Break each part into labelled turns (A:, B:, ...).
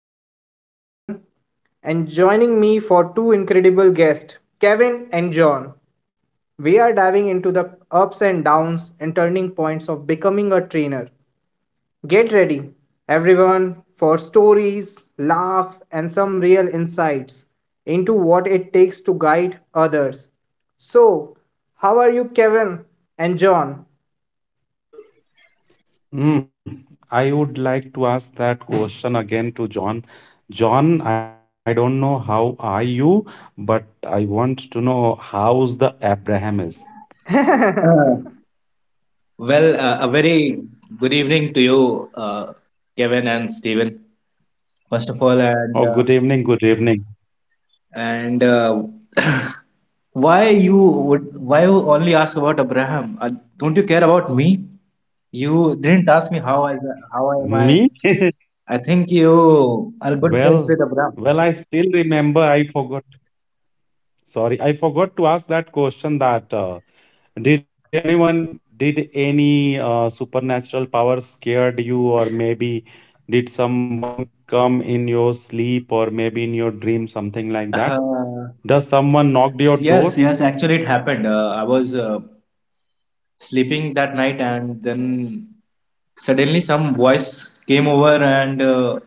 A: Host Steven, and joining me for two incredible guests, Kevin and John. We are diving into the ups and downs and turning points of becoming a trainer. Get ready, everyone, for stories, laughs, and some real insights into what it takes to guide others. So, how are you, Kevin and John?
B: I would like to ask that question again to John. John, I don't know how are you, but I want to know how's the Abraham is.
C: Uh, well, a very good evening to you, Kevin and Stephen. First of all,
B: Oh, good evening, good evening.
C: and why you only ask about Abraham? Don't you care about me? You didn't ask me how
B: Me?
C: am I? I think you are
B: Well,
C: good friends with
B: well, I
C: Abraham.
B: still remember. I forgot. Sorry, I forgot to ask that question that did anyone, did any supernatural power scared you, or maybe did someone come in your sleep, or maybe in your dream, something like that? Does
C: Uh,
B: someone knocked your door?
C: yes, yes. Actually, it happened. I was sleeping that night, and then suddenly some voice came over and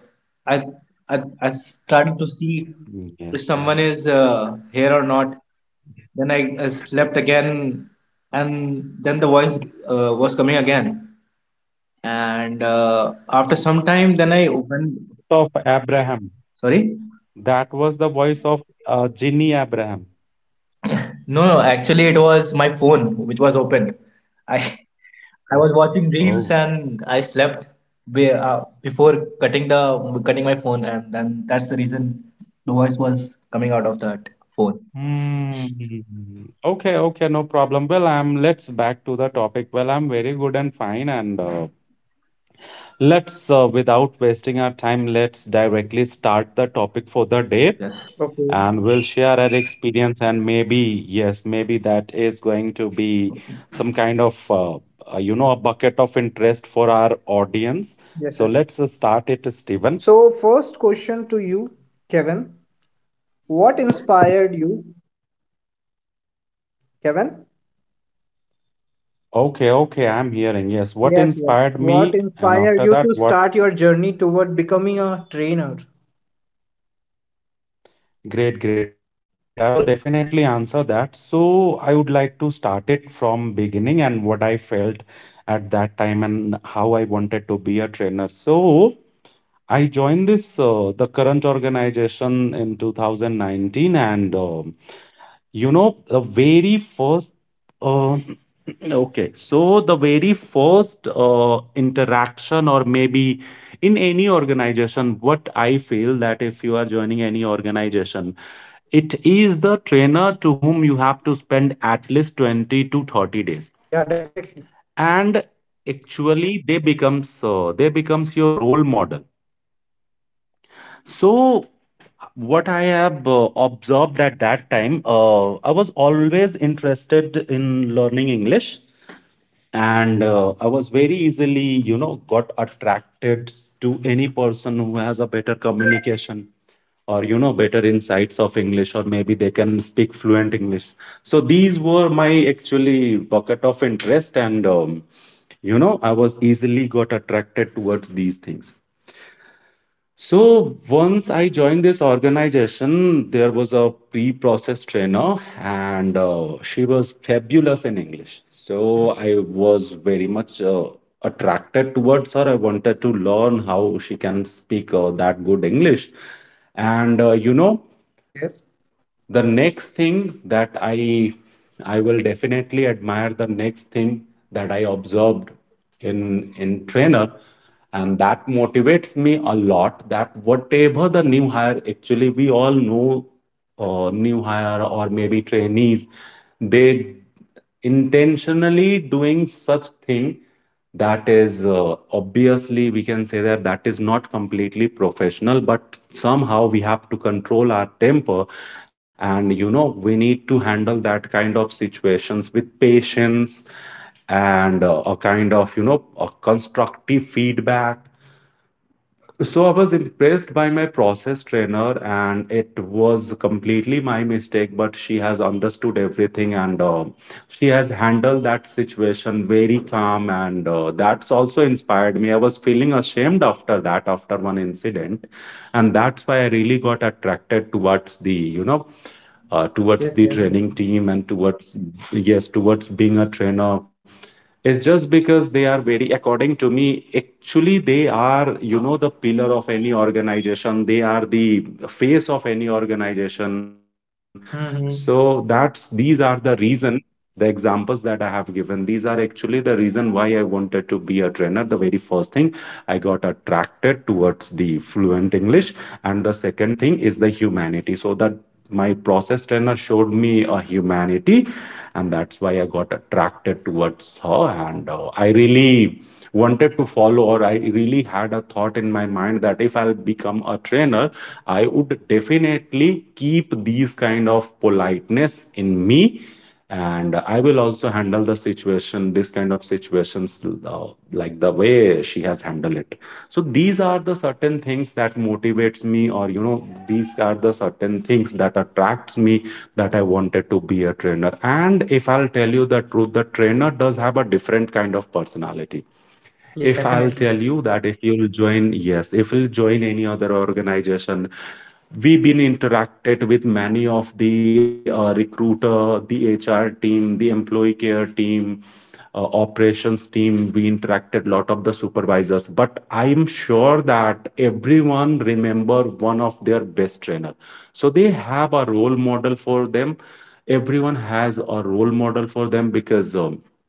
C: I, I started to see if
B: Yes.
C: someone is here or not. Then I slept again, and then the voice was coming again. And after some
B: Yes.
C: time, then
B: So
C: I
B: that was the
C: opened.
B: voice of Abraham.
C: Sorry,
B: That was the voice of Ginny Abraham.
C: no, no. Actually, it was my phone which was opened. I I
B: Oh.
C: was watching reels
B: Oh.
C: and I slept before cutting my phone, and then that's the reason the voice was coming out of that phone.
B: Hmm. Okay, okay, no problem. Well, I'm let's back to the topic. Well, I'm very good and fine, and let's without wasting our time, let's directly start the topic for the day.
C: Yes.
A: Okay.
B: And will share her experience and maybe yes maybe that is going to be some kind of you know a bucket of interest for our audience,
A: Yes,
B: so
A: yes.
B: let's start it, Stephen.
A: So, first question to you, Kevin. What inspired you, Kevin?
B: Okay, okay, I'm hearing, yes, what
A: Yes, yes.
B: inspired
A: What
B: me, and
A: inspired you
B: after
A: to
B: that what?
A: start your journey toward becoming a trainer?
B: Great, I will definitely answer that. So I would like to start it from beginning and what I felt at that time and how I wanted to be a trainer. So I joined this the current organization in 2019, and you know the very first uh, okay, so the very first interaction or maybe in any organization, what I feel that if you are joining any organization, it is the trainer to whom you have to spend at least 20 to 30 days,
A: Yeah, definitely.
B: and actually they becomes your role model. So what I have observed at that time, I was always interested in learning English,
A: Mm-hmm.
B: and I was very easily, you know, got attracted to any person who has a better communication or you know better insights of English or maybe they can speak fluent English. So these were my actually bucket of interest, and you know I was easily got attracted towards these things. So once I joined this organization, there was a pre-process trainer, and she was fabulous in English. So I was very much attracted towards her. I wanted to learn how she can speak that good English. And you know,
A: Yes,
B: the next thing that I will definitely admire the next thing that I observed in trainer, and that motivates me a lot, that whatever the new hire, actually we all know, new hire or maybe trainees, they intentionally doing such thing that is obviously we can say that that is not completely professional, but somehow we have to control our temper, and you know we need to handle that kind of situations with patience and a kind of you know a constructive feedback. So I was impressed by my process trainer, and it was completely my mistake. But she has understood everything, and she has handled that situation very calm, and that's also inspired me. I was feeling ashamed after that, after one incident, and that's why I really got attracted towards the, you know,
A: yes,
B: towards
A: yes.
B: the training team and towards yes towards being a trainer, is just because they are very according to me actually they are you know the pillar of any organization, they are the face of any organization. So
A: Mm-hmm.
B: that's these are the reason, the examples that I have given, these are actually the reason why I wanted to be a trainer. The very first thing, I got attracted towards the fluent English, and the second thing is the humanity. So that my process trainer showed me a humanity, and that's why I got attracted towards her. And I really wanted to follow, or I really had a thought in my mind that if I'll become a trainer, I would definitely keep these kind of politeness in me, and I will also handle the situation, this kind of situations, uh, like the way she has handled it. So these are the certain things that motivates me, or you know these are the certain things that attracts me, that I wanted to be a trainer. And if I'll tell you the truth, the trainer does have a different kind of personality.
A: Yeah,
B: If
A: definitely.
B: I'll tell you that if you'll join, yes, if you'll join any other organization, we've been interacted with many of the recruiter, the HR team, the employee care team, operations team. We interacted lot of the supervisors, but I'm sure that everyone remember one of their best trainer. So they have a role model for them. Everyone has a role model for them, because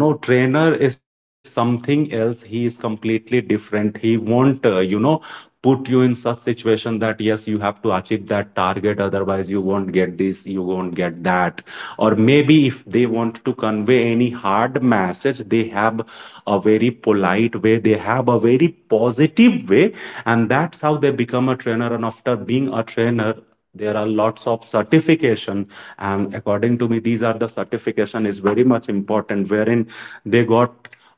B: you know trainer is something else, he is completely different, he won't you know put you in such situation that yes you have to achieve that target, otherwise you won't get this, you won't get that, or maybe if they want to convey any hard message, they have a very polite way, they have a very positive way. And that's how they become a trainer. And after being a trainer, there are lots of certification, and according to me these are the certification is very much important, wherein they got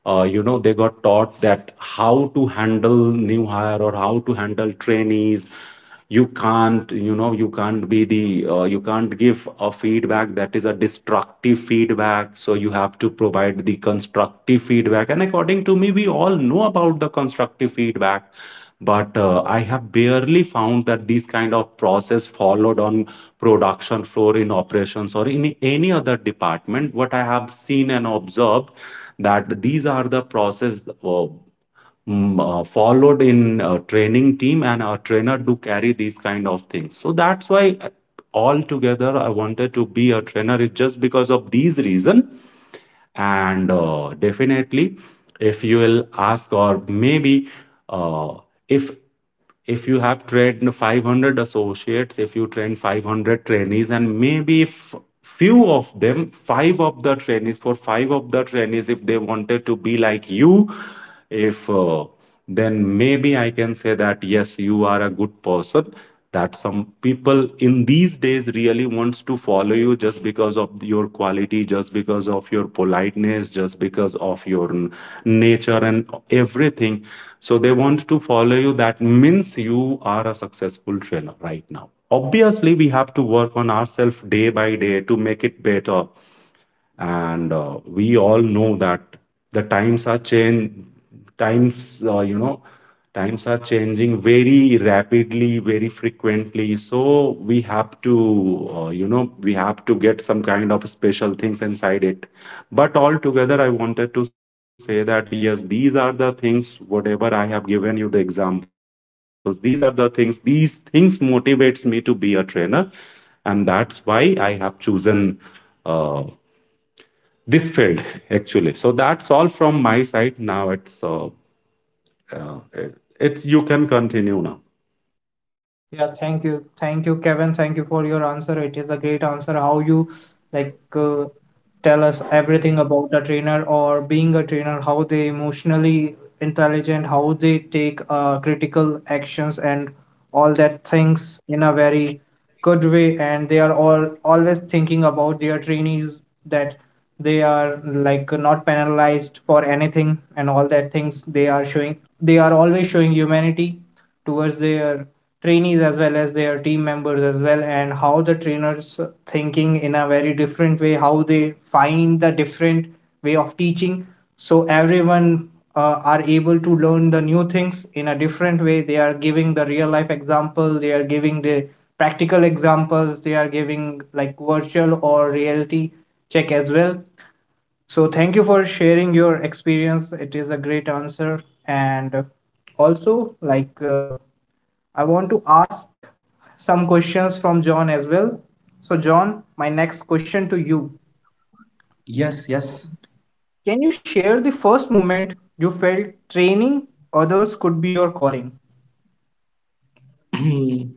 B: you know they got taught that how to handle new hire or how to handle trainees. You can't you know you can't be the you can't give a feedback that is a destructive feedback, so you have to provide the constructive feedback. And according to me we all know about the constructive feedback, but I have barely found that these kind of process followed on production floor, in operations or in any other department. What I have seen and observed that these are the process followed in a training team, and our trainer do carry these kind of things. So that's why altogether I wanted to be a trainer, is just because of these reason. And definitely, if you will ask or maybe uh, if if you have trained 500 associates, if you train 500 trainees and maybe few of them, five of the trainees, if they wanted to be like you, if then maybe I can say that yes, you are a good person. That some people in these days really wants to follow you, just because of your quality, just because of your politeness, just because of your nature and everything. So they want to follow you. That means you are a successful trainer right now. Obviously, we have to work on ourselves day by day to make it better, and we all know that the times are change, times you know times are changing very rapidly, very frequently, so we have to you know we have to get some kind of special things inside it. But altogether I wanted to say that yes, these are the things, whatever I have given you the examples, these are the things, these things motivates me to be a trainer, and that's why I have chosen uh, this field actually. So that's all from my side, now uh, it's you can continue now.
A: Yeah, thank you. Thank you, Kevin. Thank you for your answer. It is a great answer. How you like uh, tell us everything about a trainer or being a trainer, how they emotionally intelligent, how they take critical actions and all that things in a very good way. And they are all always thinking about their trainees that they are like not penalized for anything and all that things they are showing. They are always showing humanity towards their trainees as well as their team members as well, and how the trainers thinking in a very different way, how they find the different way of teaching, so everyone are able to learn the new things in a different way. They are giving the real life example, they are giving the practical examples, they are giving like virtual or reality check as well. So thank you for sharing your experience. It is a great answer. And also, I want to ask some questions from John as well. So, John, my next question to you.
C: Yes, yes.
A: Can you share the first moment you felt training others could be your calling?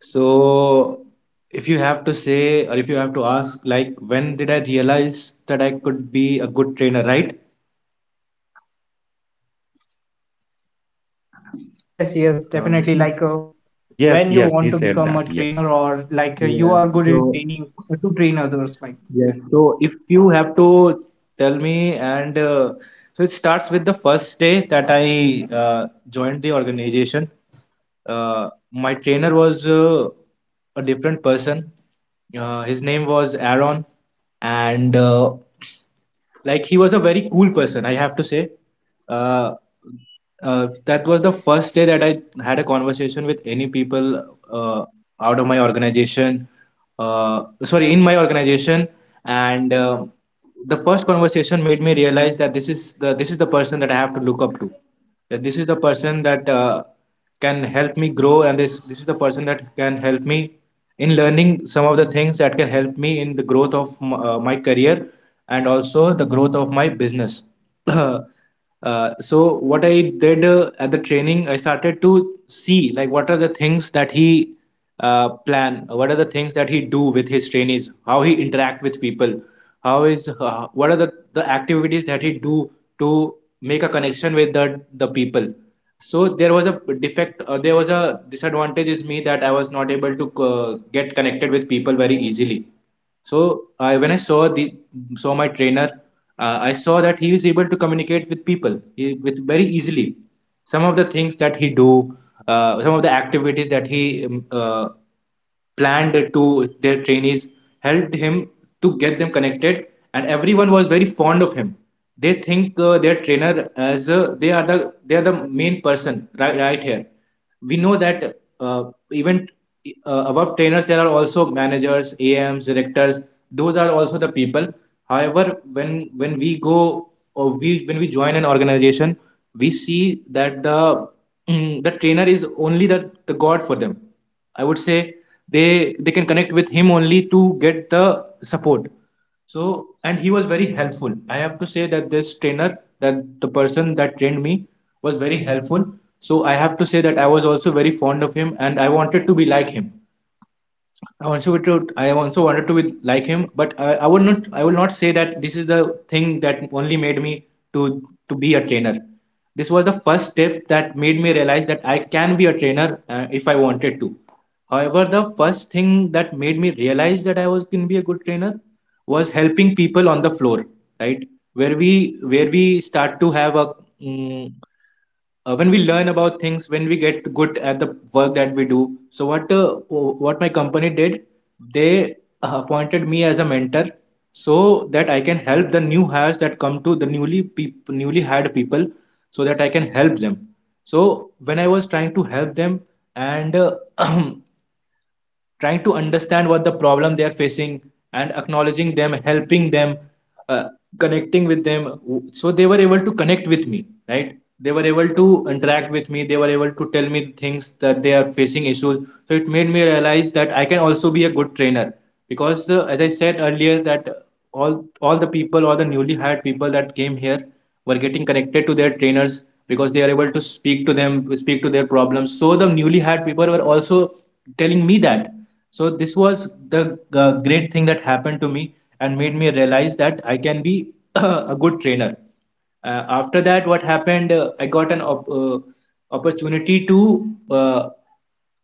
C: So, if you have to say, or if you have to ask, like, when did I realize that I could be a good trainer, right?
A: Yes, yes, definitely.
C: See,
A: When
B: Yes,
A: you
B: yes,
A: want
B: he
A: to
B: said
A: become a
B: that,
A: trainer,
B: yes.
A: or you
C: yeah.
A: are good in
C: So,
A: training to train others, like that.
C: yes. So if you have to tell me, and so it starts with the first day that I joined the organization. My trainer was a different person. His name was Aaron, and like he was a very cool person, I have to say. Uh, that was the first day that I had a conversation with any people uh, out of my organization. Sorry, in my organization, and the first conversation made me realize that this is the person that I have to look up to. That this is the person that can help me grow, and this is the person that can help me in learning some of the things that can help me in the growth of my career and also the growth of my business. So what I did at the training, I started to see like what are the things that he plan, what are the things that he do with his trainees, how he interact with people, how is what are the activities that he do to make a connection with the people. So there was a defect, there was a disadvantage is me that I was not able to get connected with people very easily. So when I saw my trainer, I saw that he is able to communicate with people with very easily. Some of the things that he do, some of the activities that he planned to their trainees helped him to get them connected, and everyone was very fond of him. They think their trainer as they are the main person, right here we know that even above trainers there are also managers ams directors, those are also the people. However, when when we go or we when we join an organization, we see that the mm, the trainer is only the god for them, I would say. They can connect with him only to get the support. So, and he was very helpful. I have to say that this trainer, that the person that trained me, was very helpful. So, I have to say that I was also very fond of him and I wanted to be like him.
A: Okay.
C: I also wanted to be like him, but I will not say that this is the thing that only made me to to be a trainer. This was the first step that made me realize that I can be a trainer if I wanted to. However, the first thing that made me realize that I was going to be a good trainer was helping people on the floor, right? Where we start to have a mm when we learn about things, when we get good at the work that we do. So what my company did, they appointed me as a mentor so that I can help the new hires that come to the newly hired people, so that I can help them. So when I was trying to help them and trying to understand what the problem they are facing and acknowledging them, helping them, uh, connecting with them, so they were able to connect with me, right? They were able to interact with me, they were able to tell me the things that they are facing issues. So it made me realize that I can also be a good trainer, because as I said earlier that all the people, all the newly hired people that came here were getting connected to their trainers because they are able to speak to them, speak to their problems. So the newly hired people were also telling me that. So this was the great thing that happened to me and made me realize that I can be a good trainer. After that, what happened? I got opportunity to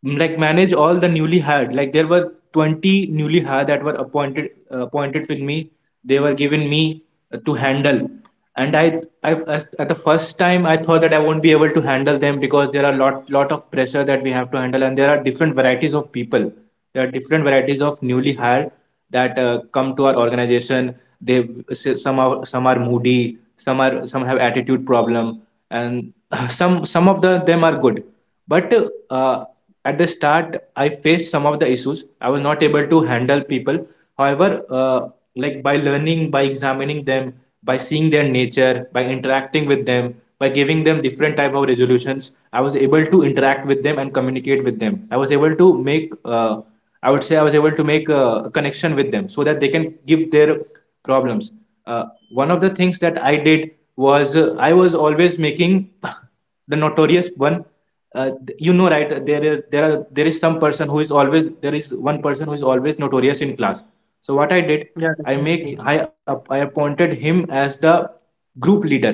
C: like manage all the newly hired. Like there were 20 newly hired that were appointed with me. They were given me to handle, and at the first time I thought that I won't be able to handle them because there are lot of pressure that we have to handle, and there are different varieties of people. There are different varieties of newly hired that come to our organization. They, some are moody, some have attitude problem, and some of the them are good, but uh, at the start I faced some of the issues, I was not able to handle people. However, uh, like by learning, by examining them, by seeing their nature, by interacting with them, by giving them different type of resolutions, I was able to interact with them and communicate with them. I was able to make I would say I was able to make a connection with them so that they can give their problems. uh, One of the things that I did was I was always making the notorious one. uh, you know, right, there is some person who is always there is one person who is always notorious in class. So what I did,
A: Yeah, definitely.
C: I appointed him as the group leader.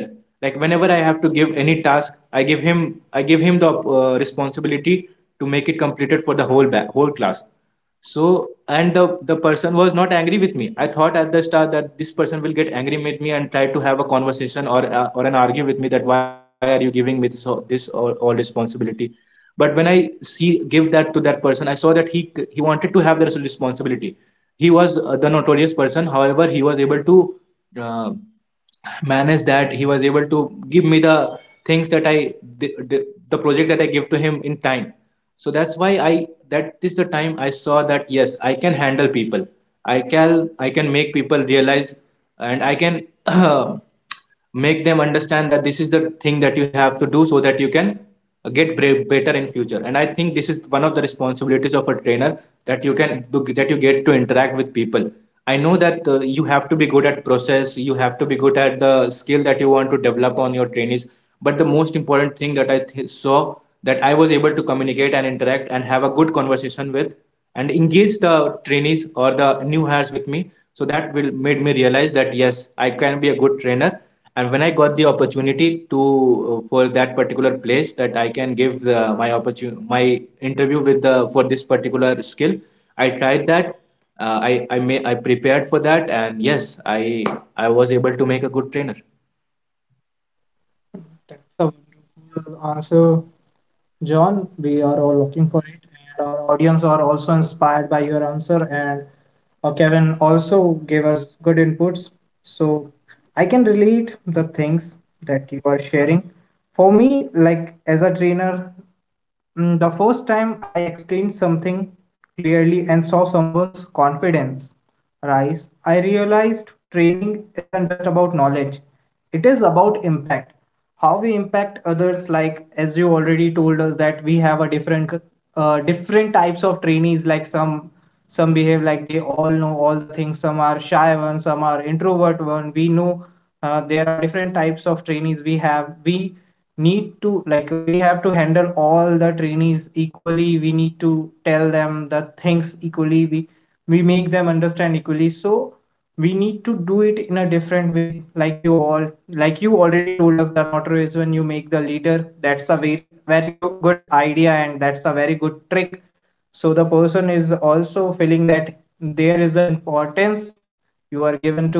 C: Like whenever I have to give any task, I give him the responsibility to make it completed for the whole class. So, and the person was not angry with me. I thought at the start that this person will get angry with me and try to have a conversation or an argue with me that why are you giving me all responsibility. But when I see give that to that person, I saw that he wanted to have the responsibility. He was the notorious person. However, he was able to uh, manage that. He was able to give me the things that the, the, the project that I give to him in time. So that's why I that is the time I saw that yes, I can handle people, I can make people realize, and I can make them understand that this is the thing that you have to do so that you can get better in future. And I think this is one of the responsibilities of a trainer, that you can that you get to interact with people. I know that you have to be good at process, you have to be good at the skill that you want to develop on your trainees, but the most important thing that saw, that I was able to communicate and interact and have a good conversation with and engage the trainees or the new hires with me, so that will made me realize that yes, I can be a good trainer. And when I got the opportunity to for that particular place, that I can give my interview with the for this particular skill, I tried that. I prepared for that and yes, I was able to make a good trainer.
A: That's a wonderful answer, John. We are all looking for it, and our audience are also inspired by your answer. And Kevin also gave us good inputs, so I can relate the things that you are sharing. For me, like as a trainer, mm, the first time I explained something clearly and saw someone's confidence rise, I realized training isn't just about knowledge, it is about impact. How we impact others, like as you already told us, that we have a different different types of trainees, like some behave like they all know all the things, some are shy ones, some are introvert one, we know there are different types of trainees we have. We need to, like, we have to handle all the trainees equally, we need to tell them the things equally, we make them understand equally. So we need to do it in a different way, like you all, like you already told us, the notary is when you make the leader. That's a very very good idea, and that's a very good trick, so the person is also feeling that there is an importance you are given to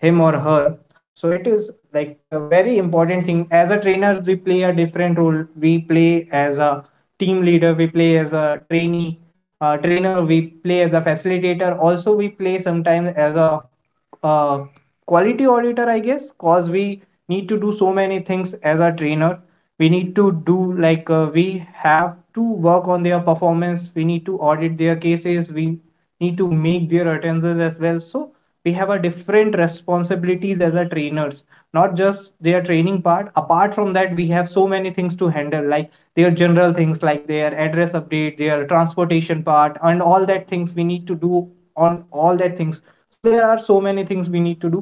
A: him or her. So it is like a very important thing. As a trainer, we play a different role. We play as a team leader, we play as a trainee trainer, we play as a facilitator, also we play sometimes as a uh, quality auditor, I guess, because we need to do so many things as a trainer. We need to do, like, we have to work on their performance, we need to audit their cases, we need to make their attendances as well. So we have a different responsibilities as a trainers, not just their training part. Apart from that, we have so many things to handle, like their general things, like their address update, their transportation part, and all that things we need to do on all that things. So there are so many things we need to do,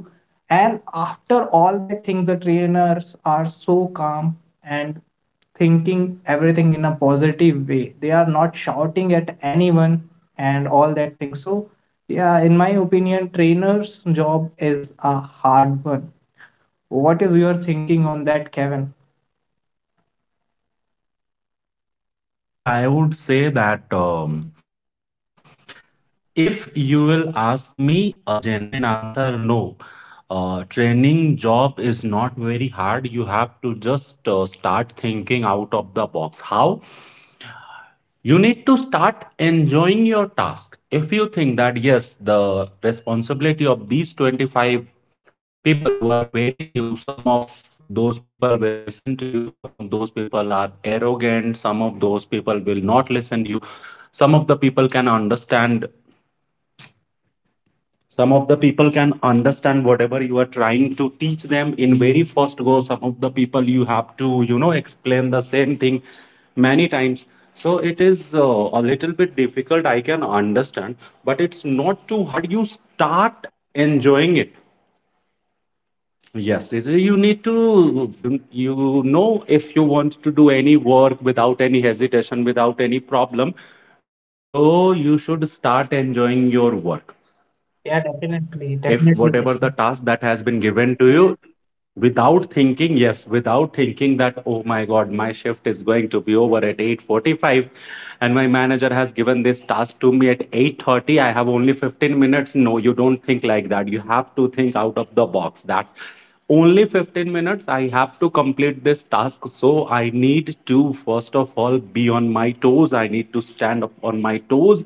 A: and after all that thing, the trainers are so calm, and thinking everything in a positive way. They are not shouting at anyone and all that thing. So yeah, in my opinion, trainers job is a hard one. What is your thinking on that, Kevin?
B: Well, I would say that if you will ask me a genuine answer, no. Training job is not very hard. You have to just start thinking out of the box. How? You need to start enjoying your task. If you think that, yes, the responsibility of these 25 people who are very new, some of those people will listen to you, some of those people are arrogant, some of those people will not listen to you, some of the people can understand, some of the people can understand whatever you are trying to teach them in very first go, some of the people you have to you know explain the same thing many times. So it is a little bit difficult, I can understand, but it's not too hard. You start enjoying it. Yes, it- you need to you you know, if you want to do any work without any hesitation, without any problem, so you should start enjoying your work.
A: Yeah, definitely,
B: If
A: definitely,
B: whatever the
A: Kevin.
B: task that has been given to you, without thinking, yes, without thinking that, oh my God, my shift is going to be over at 8:45 and my manager has given this task to me at 8:30, I have only 15 minutes. No, you don't think like that. You have to think out of the box that only 15 minutes I have to complete this task, so I need to first of all be on my toes. I need to stand up on my toes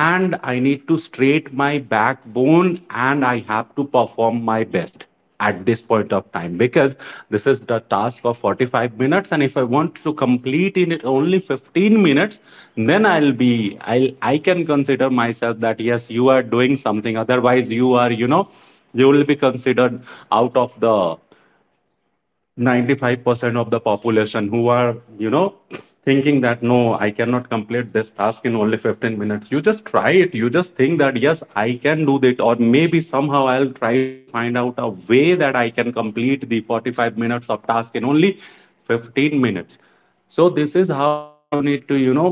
B: and I need to straight my backbone and I have to perform my best at this point of time because this is the task of 45 minutes, and if I want to complete in it only 15 minutes, then I'll be I'll I can consider myself that yes, you are doing something. Otherwise you are, they will be considered out of the 95% of the population who are, thinking that no, I cannot complete this task in only 15 minutes. You just try it, you just think that yes, I can do that, or maybe somehow I'll try to find out a way that I can complete the 45 minutes of task in only 15 minutes. So this is how you need to,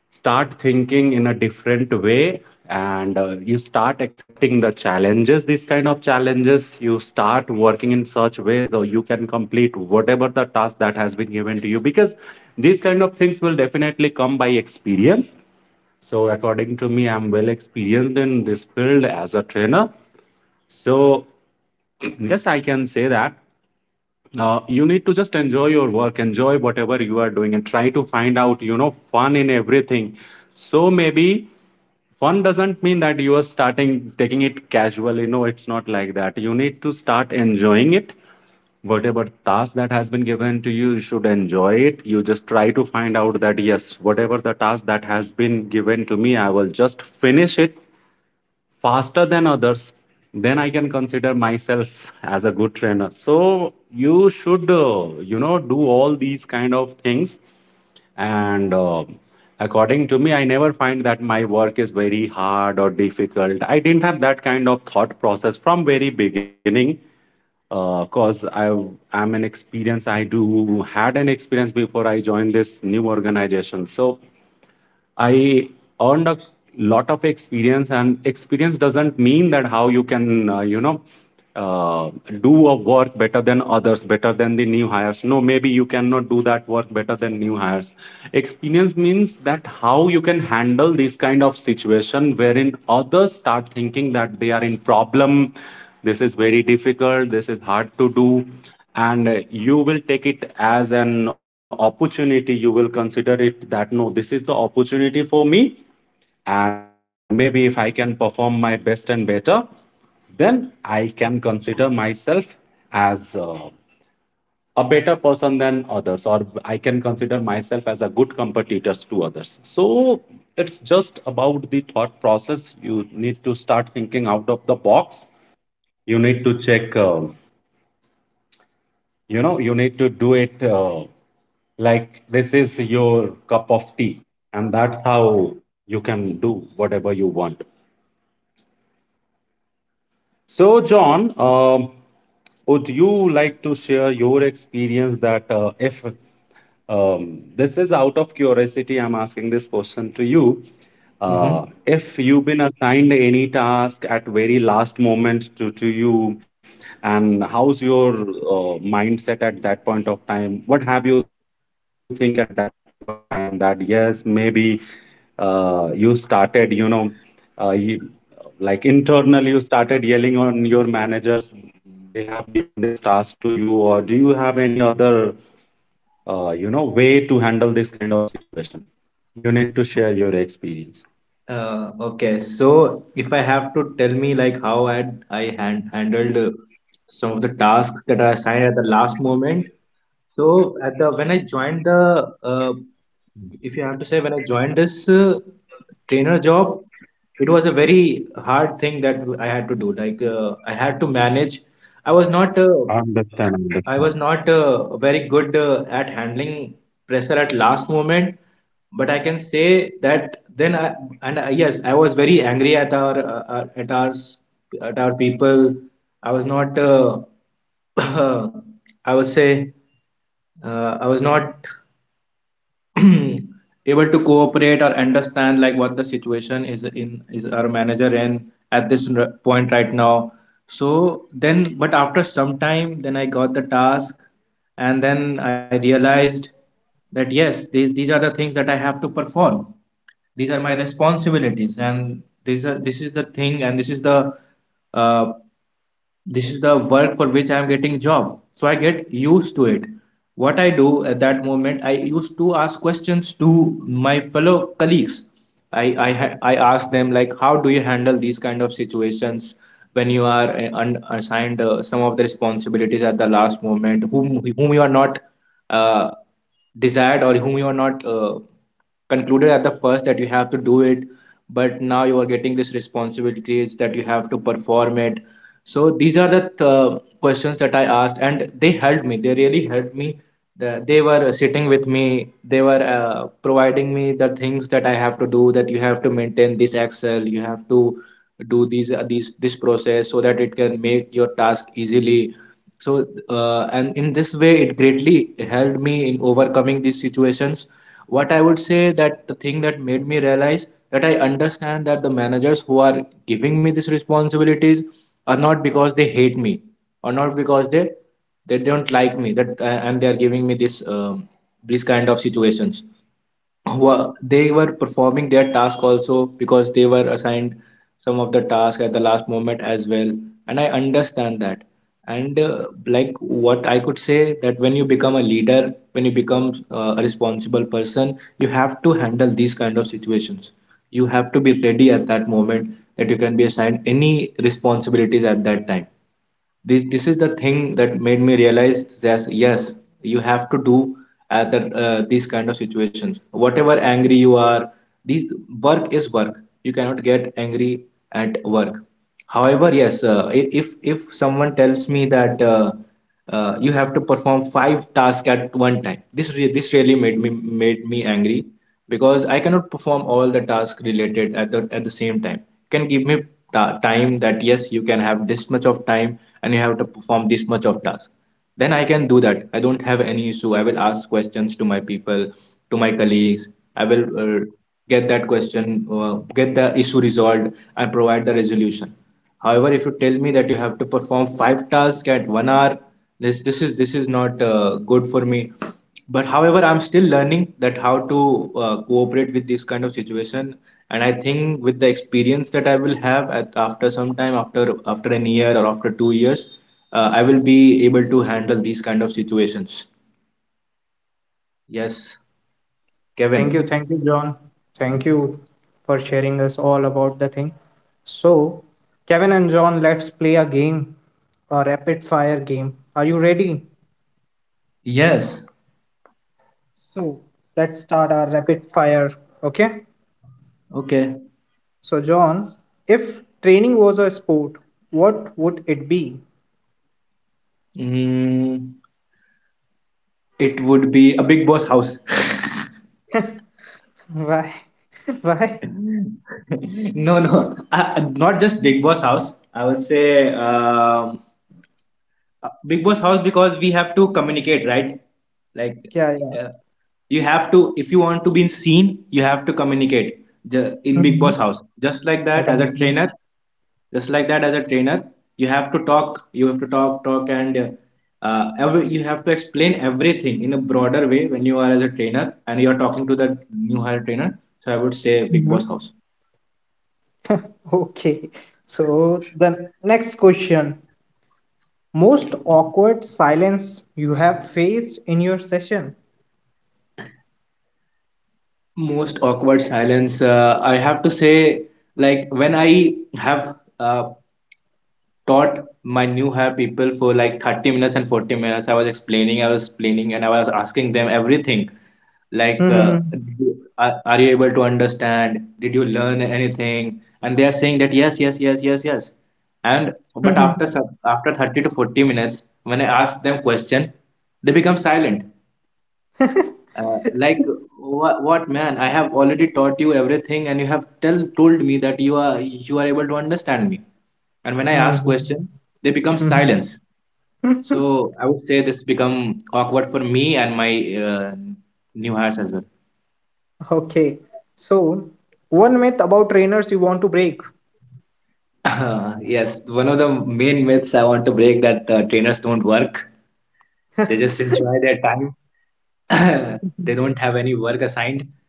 B: start thinking in a different way. And you start accepting the challenges, these kind of challenges. You start working in such ways that you can complete whatever the task that has been given to you, because these kind of things will definitely come by experience. So according to me, I'm well experienced in this field as a trainer. So yes, I can say that, you need to just enjoy your work, enjoy whatever you are doing, and try to find out, fun in everything. So maybe fun doesn't mean that you are starting taking it casually. No, it's not like that. You need to start enjoying it. Whatever task that has been given to you, you should enjoy it. You just try to find out that yes, whatever the task that has been given to me, I will just finish it faster than others,
A: Hmm.
B: then I can consider myself
A: Yeah,
B: as a good trainer.
A: thank
B: So
A: you. Thank you,
B: you
A: John.
B: should,
A: Thank you for sharing
B: do
A: your
B: all these
A: points.
B: kind of things.
A: Thank
B: And
A: you,
B: uh,
A: Kevin.
B: according to me, I
A: So,
B: never
A: John,
B: find that my work is very hard or difficult. I didn't have that kind of thought process from very beginning because I am an
A: John, are you
B: experience. I
A: there?
B: do had an experience before I joined this new organization. So I earned a lot of experience, and experience doesn't mean that how you can, uh, do a work better than others, better than the new hires. No,
A: John?
B: maybe you cannot do that work better than new hires. Experience means that how you can handle this kind of situation wherein others start thinking that they are in problem. This is very difficult, this is hard to do. And you will take it as an opportunity, you will consider it that no, this is the opportunity for me, and maybe if I can perform my best and
A: Hello.
B: better, then I can consider myself as a better person than others, or I can consider myself as a good competitor to others. So it's just about the thought process. You need to start thinking out of the box. You need to check, you need to do it like this is your cup of tea, and that's how you can do whatever you want. So, John, would you like to share your experience that if um, this is out of curiosity, I'm asking this question to you.
C: Mhm.
B: If you've been assigned any
A: Hmm.
B: task at very last moment to you, and how's your mindset at that point of time? What have you think at that point of time that yes, maybe you started, you, like internally you started yelling on your managers, they have given this task to you, or do you have any other way to handle this kind of situation? You need to share your experience.
C: Okay, so if I have to tell me like how handled some of the tasks that are assigned at the last moment. So at the when I joined the if you have to say
A: John?
C: when I joined this trainer job, it was a very hard thing that I had to do. Like I had to manage. I was not uh,
B: Understand, understand.
C: I was not very good at handling pressure at last moment, but I can say that then I, and I, yes, I was very angry at our at our people. I was not I would
B: Yes, go
C: say
B: ahead.
C: I was not able to
B: Yep,
C: cooperate
B: John,
C: or
B: you were saying
C: understand like what
B: something.
C: the situation is in is our manager in at this point right now. so then
B: Okay.
C: but after some time then I got the task, and then I
B: So,
C: realized
B: John,
C: that
B: you
C: yes,
B: were not
C: these are the
B: very
C: things
B: good
C: that I
B: at
C: have to
B: handling
C: perform.
B: pressure at very
C: These are my
B: first at and
C: responsibilities, and
B: starting
C: these are
B: period.
C: this is the thing,
B: So
C: and
B: in the
C: uh,
B: meanwhile, you
C: this
B: just
C: is the
B: get a,
C: work for
B: you
C: which I
B: know
C: am getting job, so I get
B: you
C: used
B: just
C: to
B: get
C: it.
B: an idea that
C: What
B: how
C: I
B: you can
C: do at
B: handle the
C: that
B: pressure.
C: moment, I used to
B: Meanwhile,
C: ask questions to
B: I would
C: my fellow
B: request
C: colleagues. i
B: Stephen
C: i
B: to share
C: i
B: his
C: ask them,
B: experience.
C: like, how
B: That
C: do you handle these
B: Stephen,
C: kind of
B: am I audible to
C: situations
B: you?
C: when you are assigned some of the responsibilities at the last moment, whom
B: Stephen, I
C: whom you
B: believe you
C: are
B: need
C: not
B: to unmute
C: uh,
B: yourself.
C: desired, or whom you are not concluded at the first that you have to
B: Okay,
C: do
B: no
C: it,
B: problem if
C: but now you
B: there
C: are
B: is
C: getting
B: a
C: this
B: kind of issue. No
C: responsibilities that you
B: problem.
C: have to
B: So
C: perform
B: I
C: it.
B: would say
C: So
B: that
C: these are
B: for
C: the
B: me,
C: questions that I asked, and they
B: uh,
C: helped me.
B: if
C: They
B: you
C: really helped
B: received
C: me.
B: any
C: They
B: task
C: were
B: at the very
C: sitting with me.
B: last
C: they
B: moment,
C: were uh,
B: first of all, you
C: providing me
B: no
C: the
B: need to be
C: things that I have
B: scared.
C: to do, that you have to
B: If
C: maintain
B: you
C: this
B: are not
C: excel, you have
B: scared,
C: to do
B: then
C: these
B: only
C: this
B: you can
C: process so that it
B: you
C: can
B: can
C: make
B: handle
C: your
B: these
C: task
B: kind of things, or
C: easily.
B: you can
C: So
B: complete your task in
C: and in
B: given
C: this
B: time.
C: way, it greatly
B: So
C: helped me in
B: I still
C: overcoming these
B: remember that I
C: situations.
B: had
C: What I would
B: received
C: say
B: this kind
C: that
B: of
C: the thing that
B: task
C: made me realize
B: at the
C: that
B: very
C: I
B: last
C: understand
B: moment
C: that the
B: and my shift
C: managers
B: is
C: who
B: going
C: are
B: to be over
C: giving me
B: at
C: these
B: maybe
C: responsibilities are not
B: 11:30,
C: because they hate
B: and my
C: me,
B: manager
C: or
B: has
C: not
B: given
C: because
B: such a task
C: they
B: that
C: don't
B: at
C: like me, that
B: least
C: and they are giving me
B: requires
C: this
B: 2 hours to
C: these
B: complete, and
C: kind
B: they
C: of
B: have given
C: situations,
B: this task to me
C: were
B: just
C: they were
B: 45
C: performing
B: minutes
C: their task
B: before my
C: also
B: shift gets
C: because they
B: over.
C: were assigned some of the task at
B: So
C: the last moment as well.
B: actually,
C: And I
B: what is the
C: understand
B: benefit
C: that.
B: that I have? I
C: And
B: was talking
C: like
B: about the
C: what I
B: experience.
C: could
B: So I
C: say,
B: have
C: that when you
B: experience
C: become a
B: of
C: leader,
B: process. I
C: when you
B: know
C: become
B: the process.
C: a
B: I have the
C: responsible
B: knowledge of
C: person, you
B: process.
C: have to handle these kind of
B: So I just
C: situations. You have to
B: utilized
C: be ready
B: that
C: at that moment,
B: experience, that
C: that you
B: the
C: can be
B: process
C: assigned any
B: knowledge of mine,
C: responsibilities at that time.
B: and I
C: this
B: was
C: this is the
B: just
C: thing that made me
B: set in
C: realize
B: the
C: that
B: same
C: yes,
B: place for
C: you
B: next
C: have to do
B: 45 to
C: at
B: 55
C: these kind
B: minutes.
C: of situations, whatever angry you
B: So
C: are,
B: just in extra
C: these
B: 10
C: work
B: minutes
C: is
B: out
C: work.
B: of my
C: You
B: shift,
C: cannot get
B: I have
C: angry
B: completed
C: at
B: that given
C: work.
B: task. And
C: However,
B: how
C: yes,
B: I have completed that
C: if
B: given
C: someone
B: task,
C: tells
B: it's
C: me that
B: just
C: you have to
B: I was not
C: perform
B: doing
C: five
B: anything
C: tasks
B: else
C: at
B: apart
C: one time,
B: from
C: this
B: I
C: really
B: just
C: made
B: prepared
C: me
B: myself
C: angry,
B: that yes,
C: because I
B: you
C: cannot perform all
B: have
C: the
B: to
C: tasks
B: complete it
C: related
B: and there is
C: at the
B: no
C: same
B: other
C: time.
B: way.
C: You
B: There is
C: can
B: no
C: give me
B: way to escape.
C: time, that yes,
B: So
C: you
B: it
C: can
B: was a
C: have this much
B: situation
C: of
B: like
C: time, and you
B: do
C: have to
B: or die.
C: perform this much
B: So
C: of
B: that's
C: task.
B: why in that
C: Then I can do
B: situation I
C: that.
B: have
C: I don't have
B: completed
C: any
B: that
C: issue. I
B: task.
C: will
B: I
C: ask questions
B: utilized
C: to my
B: my,
C: people, to my
B: knowledge of
C: colleagues. i
B: process,
C: will
B: that
C: uh,
B: yes, if
C: get that
B: I was
C: question,
B: just reading
C: get
B: the
C: the
B: one
C: issue
B: line and I
C: resolved,
B: was
C: and provide the
B: preparing the
C: resolution.
B: whole thing.
C: However,
B: After
C: if you
B: that,
C: tell me
B: I
C: that you
B: was
C: have to
B: not
C: perform
B: reading the
C: five
B: complete
C: tasks at
B: thing,
C: 1 hour,
B: because just
C: this
B: to
C: this is this
B: understand,
C: is
B: if
C: not
B: someone is
C: good for
B: someone
C: me.
B: if you are
C: But
B: good
C: however, I'm
B: enough
C: still
B: in
C: learning that
B: process, so
C: how to
B: if someone will ask you
C: cooperate with
B: it's
C: this kind of
B: app,
C: situation.
B: you
C: And I
B: can able
C: think
B: to
C: with the
B: understand, and you
C: experience that
B: can
C: I will
B: after
C: have
B: that
C: at
B: catch, oh,
C: after
B: it's
C: some time,
B: app,
C: after
B: then
C: after an year or
B: le that
C: after two
B: would be
C: years,
B: apple.
C: I will be
B: You
C: able to
B: will
C: handle these
B: not
C: kind of
B: waste your time
C: situations.
B: to ask that person that it's a p p
C: Yes,
B: l e. No, you
C: Kevin.
B: need
A: Thank
B: to
A: you,
B: catch
A: John.
B: it if you want
A: Thank
B: to do
A: you
B: something
A: for
B: like that.
A: sharing
B: So
A: us
B: this
A: all
B: is
A: about the
B: just an
A: thing.
B: example that I'm
A: So,
B: giving to you.
A: Kevin
B: So
A: and
B: I'm
A: John, let's play a
B: an
A: game,
B: old
A: a
B: monkey in
A: rapid
B: process,
A: fire game. Are you
B: and that's
A: ready?
B: why I have utilized my
C: Yes.
B: process knowledge like that.
A: So, let's start our
B: So
A: rapid
B: I
A: fire,
B: utilize my
A: okay?
B: process knowledge and I
C: Okay.
B: try to wrap
A: So,
B: up the
A: John,
B: things in
A: if
B: given
A: training
B: time.
A: was a
B: Maybe
A: sport,
B: I
A: what
B: had
A: would
B: to
A: it
B: take
A: be?
B: 10 extra minutes, and then I was done
C: Mm,
B: with everything. So that
C: it
B: was
C: would
B: the
C: be a big
B: new
C: boss
B: task
C: house.
B: that that has been assigned to me,
A: Why?
B: and
A: Why?
C: No,
B: it took
C: no,
B: around
C: not just Big
B: 15
C: Boss house.
B: minutes
C: I
B: for
C: would
B: me to
C: say
B: understand that what is that, how to do
C: Big
B: it,
C: Boss house,
B: because my
C: because we
B: manager
C: have to
B: has just
C: communicate,
B: given
C: right?
B: me,
C: Like
A: Yeah, yeah.
B: an
C: uh,
B: example
C: you have
B: file,
C: to,
B: that
C: if
B: these
C: you
B: are
C: want to
B: the
C: be
B: file, these
C: seen,
B: are
C: you
B: the
C: have to
B: sample file, you
C: communicate
B: can seek
C: in
B: help
C: Big
A: Mhm.
C: Boss
B: from
C: house.
B: this file, but
A: Definitely.
B: they never
C: Just
B: asked
C: like
B: me
C: that, as
B: that
C: a
B: come
C: trainer,
B: and sit
C: you
B: with
C: have
B: me,
C: to
B: I'll
C: talk.
B: teach
C: You
B: you,
C: have
B: or
C: to talk,
B: maybe I'll
C: talk,
B: train
C: and
B: you or I'll tell you
C: every you
B: that
C: have
B: how
C: to
B: you can
C: explain
B: prepare the
C: everything in
B: same
C: a
B: kind of
C: broader way
B: file
C: when
B: in
C: you are as a
B: future.
C: trainer and you are talking to
B: Or
C: the
B: if I
C: new
B: would
C: hire
B: have any
C: trainer.
B: kind
C: So
B: of
C: I would say
B: question,
C: Big
B: maybe
C: Boss
B: if
A: Mhm.
B: you
C: house.
B: are working in any new thing, you should have a
A: Okay.
B: multiple questions
A: So,
B: in your
A: the
B: mind.
A: next question,
B: So
A: most
B: if
A: awkward
B: uh,
A: silence you have
B: if
A: faced in
B: this
A: your
B: is a
A: session?
B: suggestion from my side to both of you, both
C: Most
B: uh,
C: awkward
B: both
C: silence,
B: of you,
C: I have
B: that
C: to
B: if you will
C: say,
B: face up
C: like
B: such
C: when
B: kind of
C: I
B: situation, or if
C: have
B: you are going to,
C: taught my
B: tackle
C: new
B: such
C: hire
B: kind of
C: people for
B: situation
C: like
B: ever
C: 30
B: in
C: minutes and
B: future,
C: 40 minutes. i was
B: you
C: explaining I was
B: just
C: explaining, and I was asking them
B: prepare your
C: everything,
B: mindset like that,
C: like
B: if it is 30 minutes,
C: are
B: if
C: you
B: it is
C: able to
B: 40 minutes,
C: understand,
B: if
C: did
B: my
C: you
B: shift
C: learn
B: is going to
C: anything,
B: over,
C: and they
B: I
C: are saying
B: have
C: that
B: to
C: yes,
B: finish
C: yes,
B: my
C: yes, yes,
B: task.
C: yes.
B: Yes, you
C: And
B: can take
C: but after
B: 10 to
C: some,
B: 15
C: after
B: minutes
C: 30 to
B: extra,
C: 40
B: there is no
C: minutes, when
B: problem
C: I
B: with
C: ask
B: that.
C: them question,
B: So you have to
C: they become
B: first
C: silent.
B: change your thought process. You
C: Like,
B: need to just
C: what, man? I have already
B: be in
C: taught you
B: that
C: everything, and
B: situation,
C: you
B: you
C: have
B: need to
C: tell
B: just
C: told me
B: prepare
C: that
B: your mindset
C: you
B: like
C: are
B: that,
C: able to
B: this is a
C: understand me.
B: do and die
C: And
B: thing
C: when I
B: for me
C: ask questions,
B: and
C: they
B: I
C: become
B: have to
C: silence.
B: complete it, there is no
C: So
B: way to
C: I would
B: escape.
C: say this
B: And
C: become
B: that is a
C: awkward for
B: very
C: me
B: simple
C: and my
B: formula.
C: uh,
B: If you are
C: new
B: following
C: hires as
B: this, you can do
A: Okay.
B: any task or
A: So,
B: anything.
A: one myth about
B: If
A: trainers you
B: that
A: want to
B: thing
A: break.
B: or that task is very new,
C: well. Yes, one of
B: give
C: the
B: it 10 to
C: main myths I
B: 15
C: want to
B: minutes
C: break, that
B: before you
C: trainers
B: are
C: don't
B: starting
C: work.
B: it. Clear
C: They
B: your
C: just enjoy
B: all
C: their
B: doubts,
C: time.
B: and
C: They
B: uh,
C: don't have any work
B: if
C: assigned.
B: that is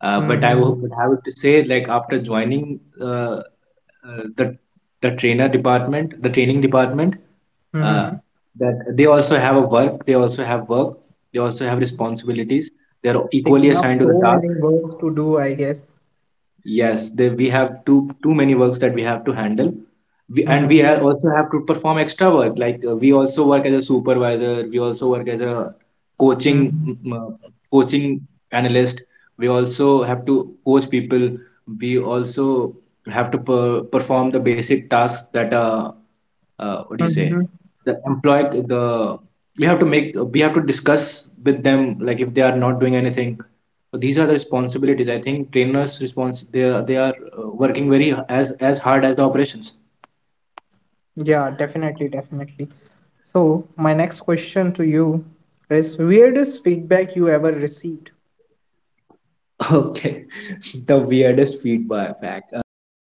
C: But I
B: you
A: Mhm.
B: can
C: would have to
B: practice it.
C: say, like
B: But
C: after
B: once you are
C: joining
B: starting it on the
C: uh,
B: real
C: the
B: excel
C: the
B: sheet, or
C: trainer
B: maybe
C: department, the
B: if
C: training
B: that task
C: department,
B: has to like,
C: uh,
A: Mhm.
B: whenever
C: that
B: that
C: they
B: task
C: also have a work, they also have
B: was
C: work,
B: given to
C: they
B: you and
C: also
B: you
C: have
B: have to perform
C: responsibilities.
B: that
C: They
B: task, or
C: are
B: maybe
A: They
B: you
C: equally
B: have
A: have
B: to
C: assigned to the
A: so
B: prepare
C: task.
A: many
B: any kind
A: work
B: of
A: to do, I
B: ppt or
A: guess.
B: anything,
C: Yes, they, we
B: so
C: have too many works that we have to
B: yes,
C: handle.
B: that's how you
C: We,
B: can
C: and
B: do
C: we
A: Mhm.
B: that,
C: also have to
B: according to
C: perform
B: me.
C: extra work. Like we
B: So
C: also
B: that
C: work as
B: is
C: a
B: my message,
C: supervisor.
B: that
C: We
B: you
C: also
B: need
C: work
B: to
C: as
B: just
C: a
B: um,
C: coaching
A: Mhm.
B: think out of the
C: coaching
B: box. You need to
C: analyst.
B: just
C: We
B: prepare your
C: also have to
B: mindset like
C: coach
B: that.
C: people. We
B: If any task
C: also
B: that has been
C: have to
B: given to you, you
C: perform the
B: can
C: basic
B: complete it
C: tasks
B: in
C: that
B: time.
C: what do you say?
A: Mhm.
B: Now,
C: The employee,
B: it's
C: the we have to
B: enough
C: make
B: time.
C: we
B: We
C: have to
B: are going
C: discuss with
B: to
C: them, like
B: end
C: if they are
B: this
C: not doing
B: session.
C: anything. So these are the responsibilities, I
B: So
C: think,
B: see
C: trainers
B: you both
C: response they are
B: on next session.
C: working very as
B: And
C: hard as the
B: it was a
C: operations.
B: very nice time and
A: Yeah,
B: nice
A: definitely,
B: talk and
A: definitely.
B: nice
A: So,
B: experience
A: my next question
B: to
A: to
B: having
A: you
B: both of you.
A: is
B: So
A: weirdest feedback you ever
B: this is
A: received?
B: Kevin signing off for
C: Okay,
B: the day.
C: the
B: Bye bye.
C: weirdest feedback.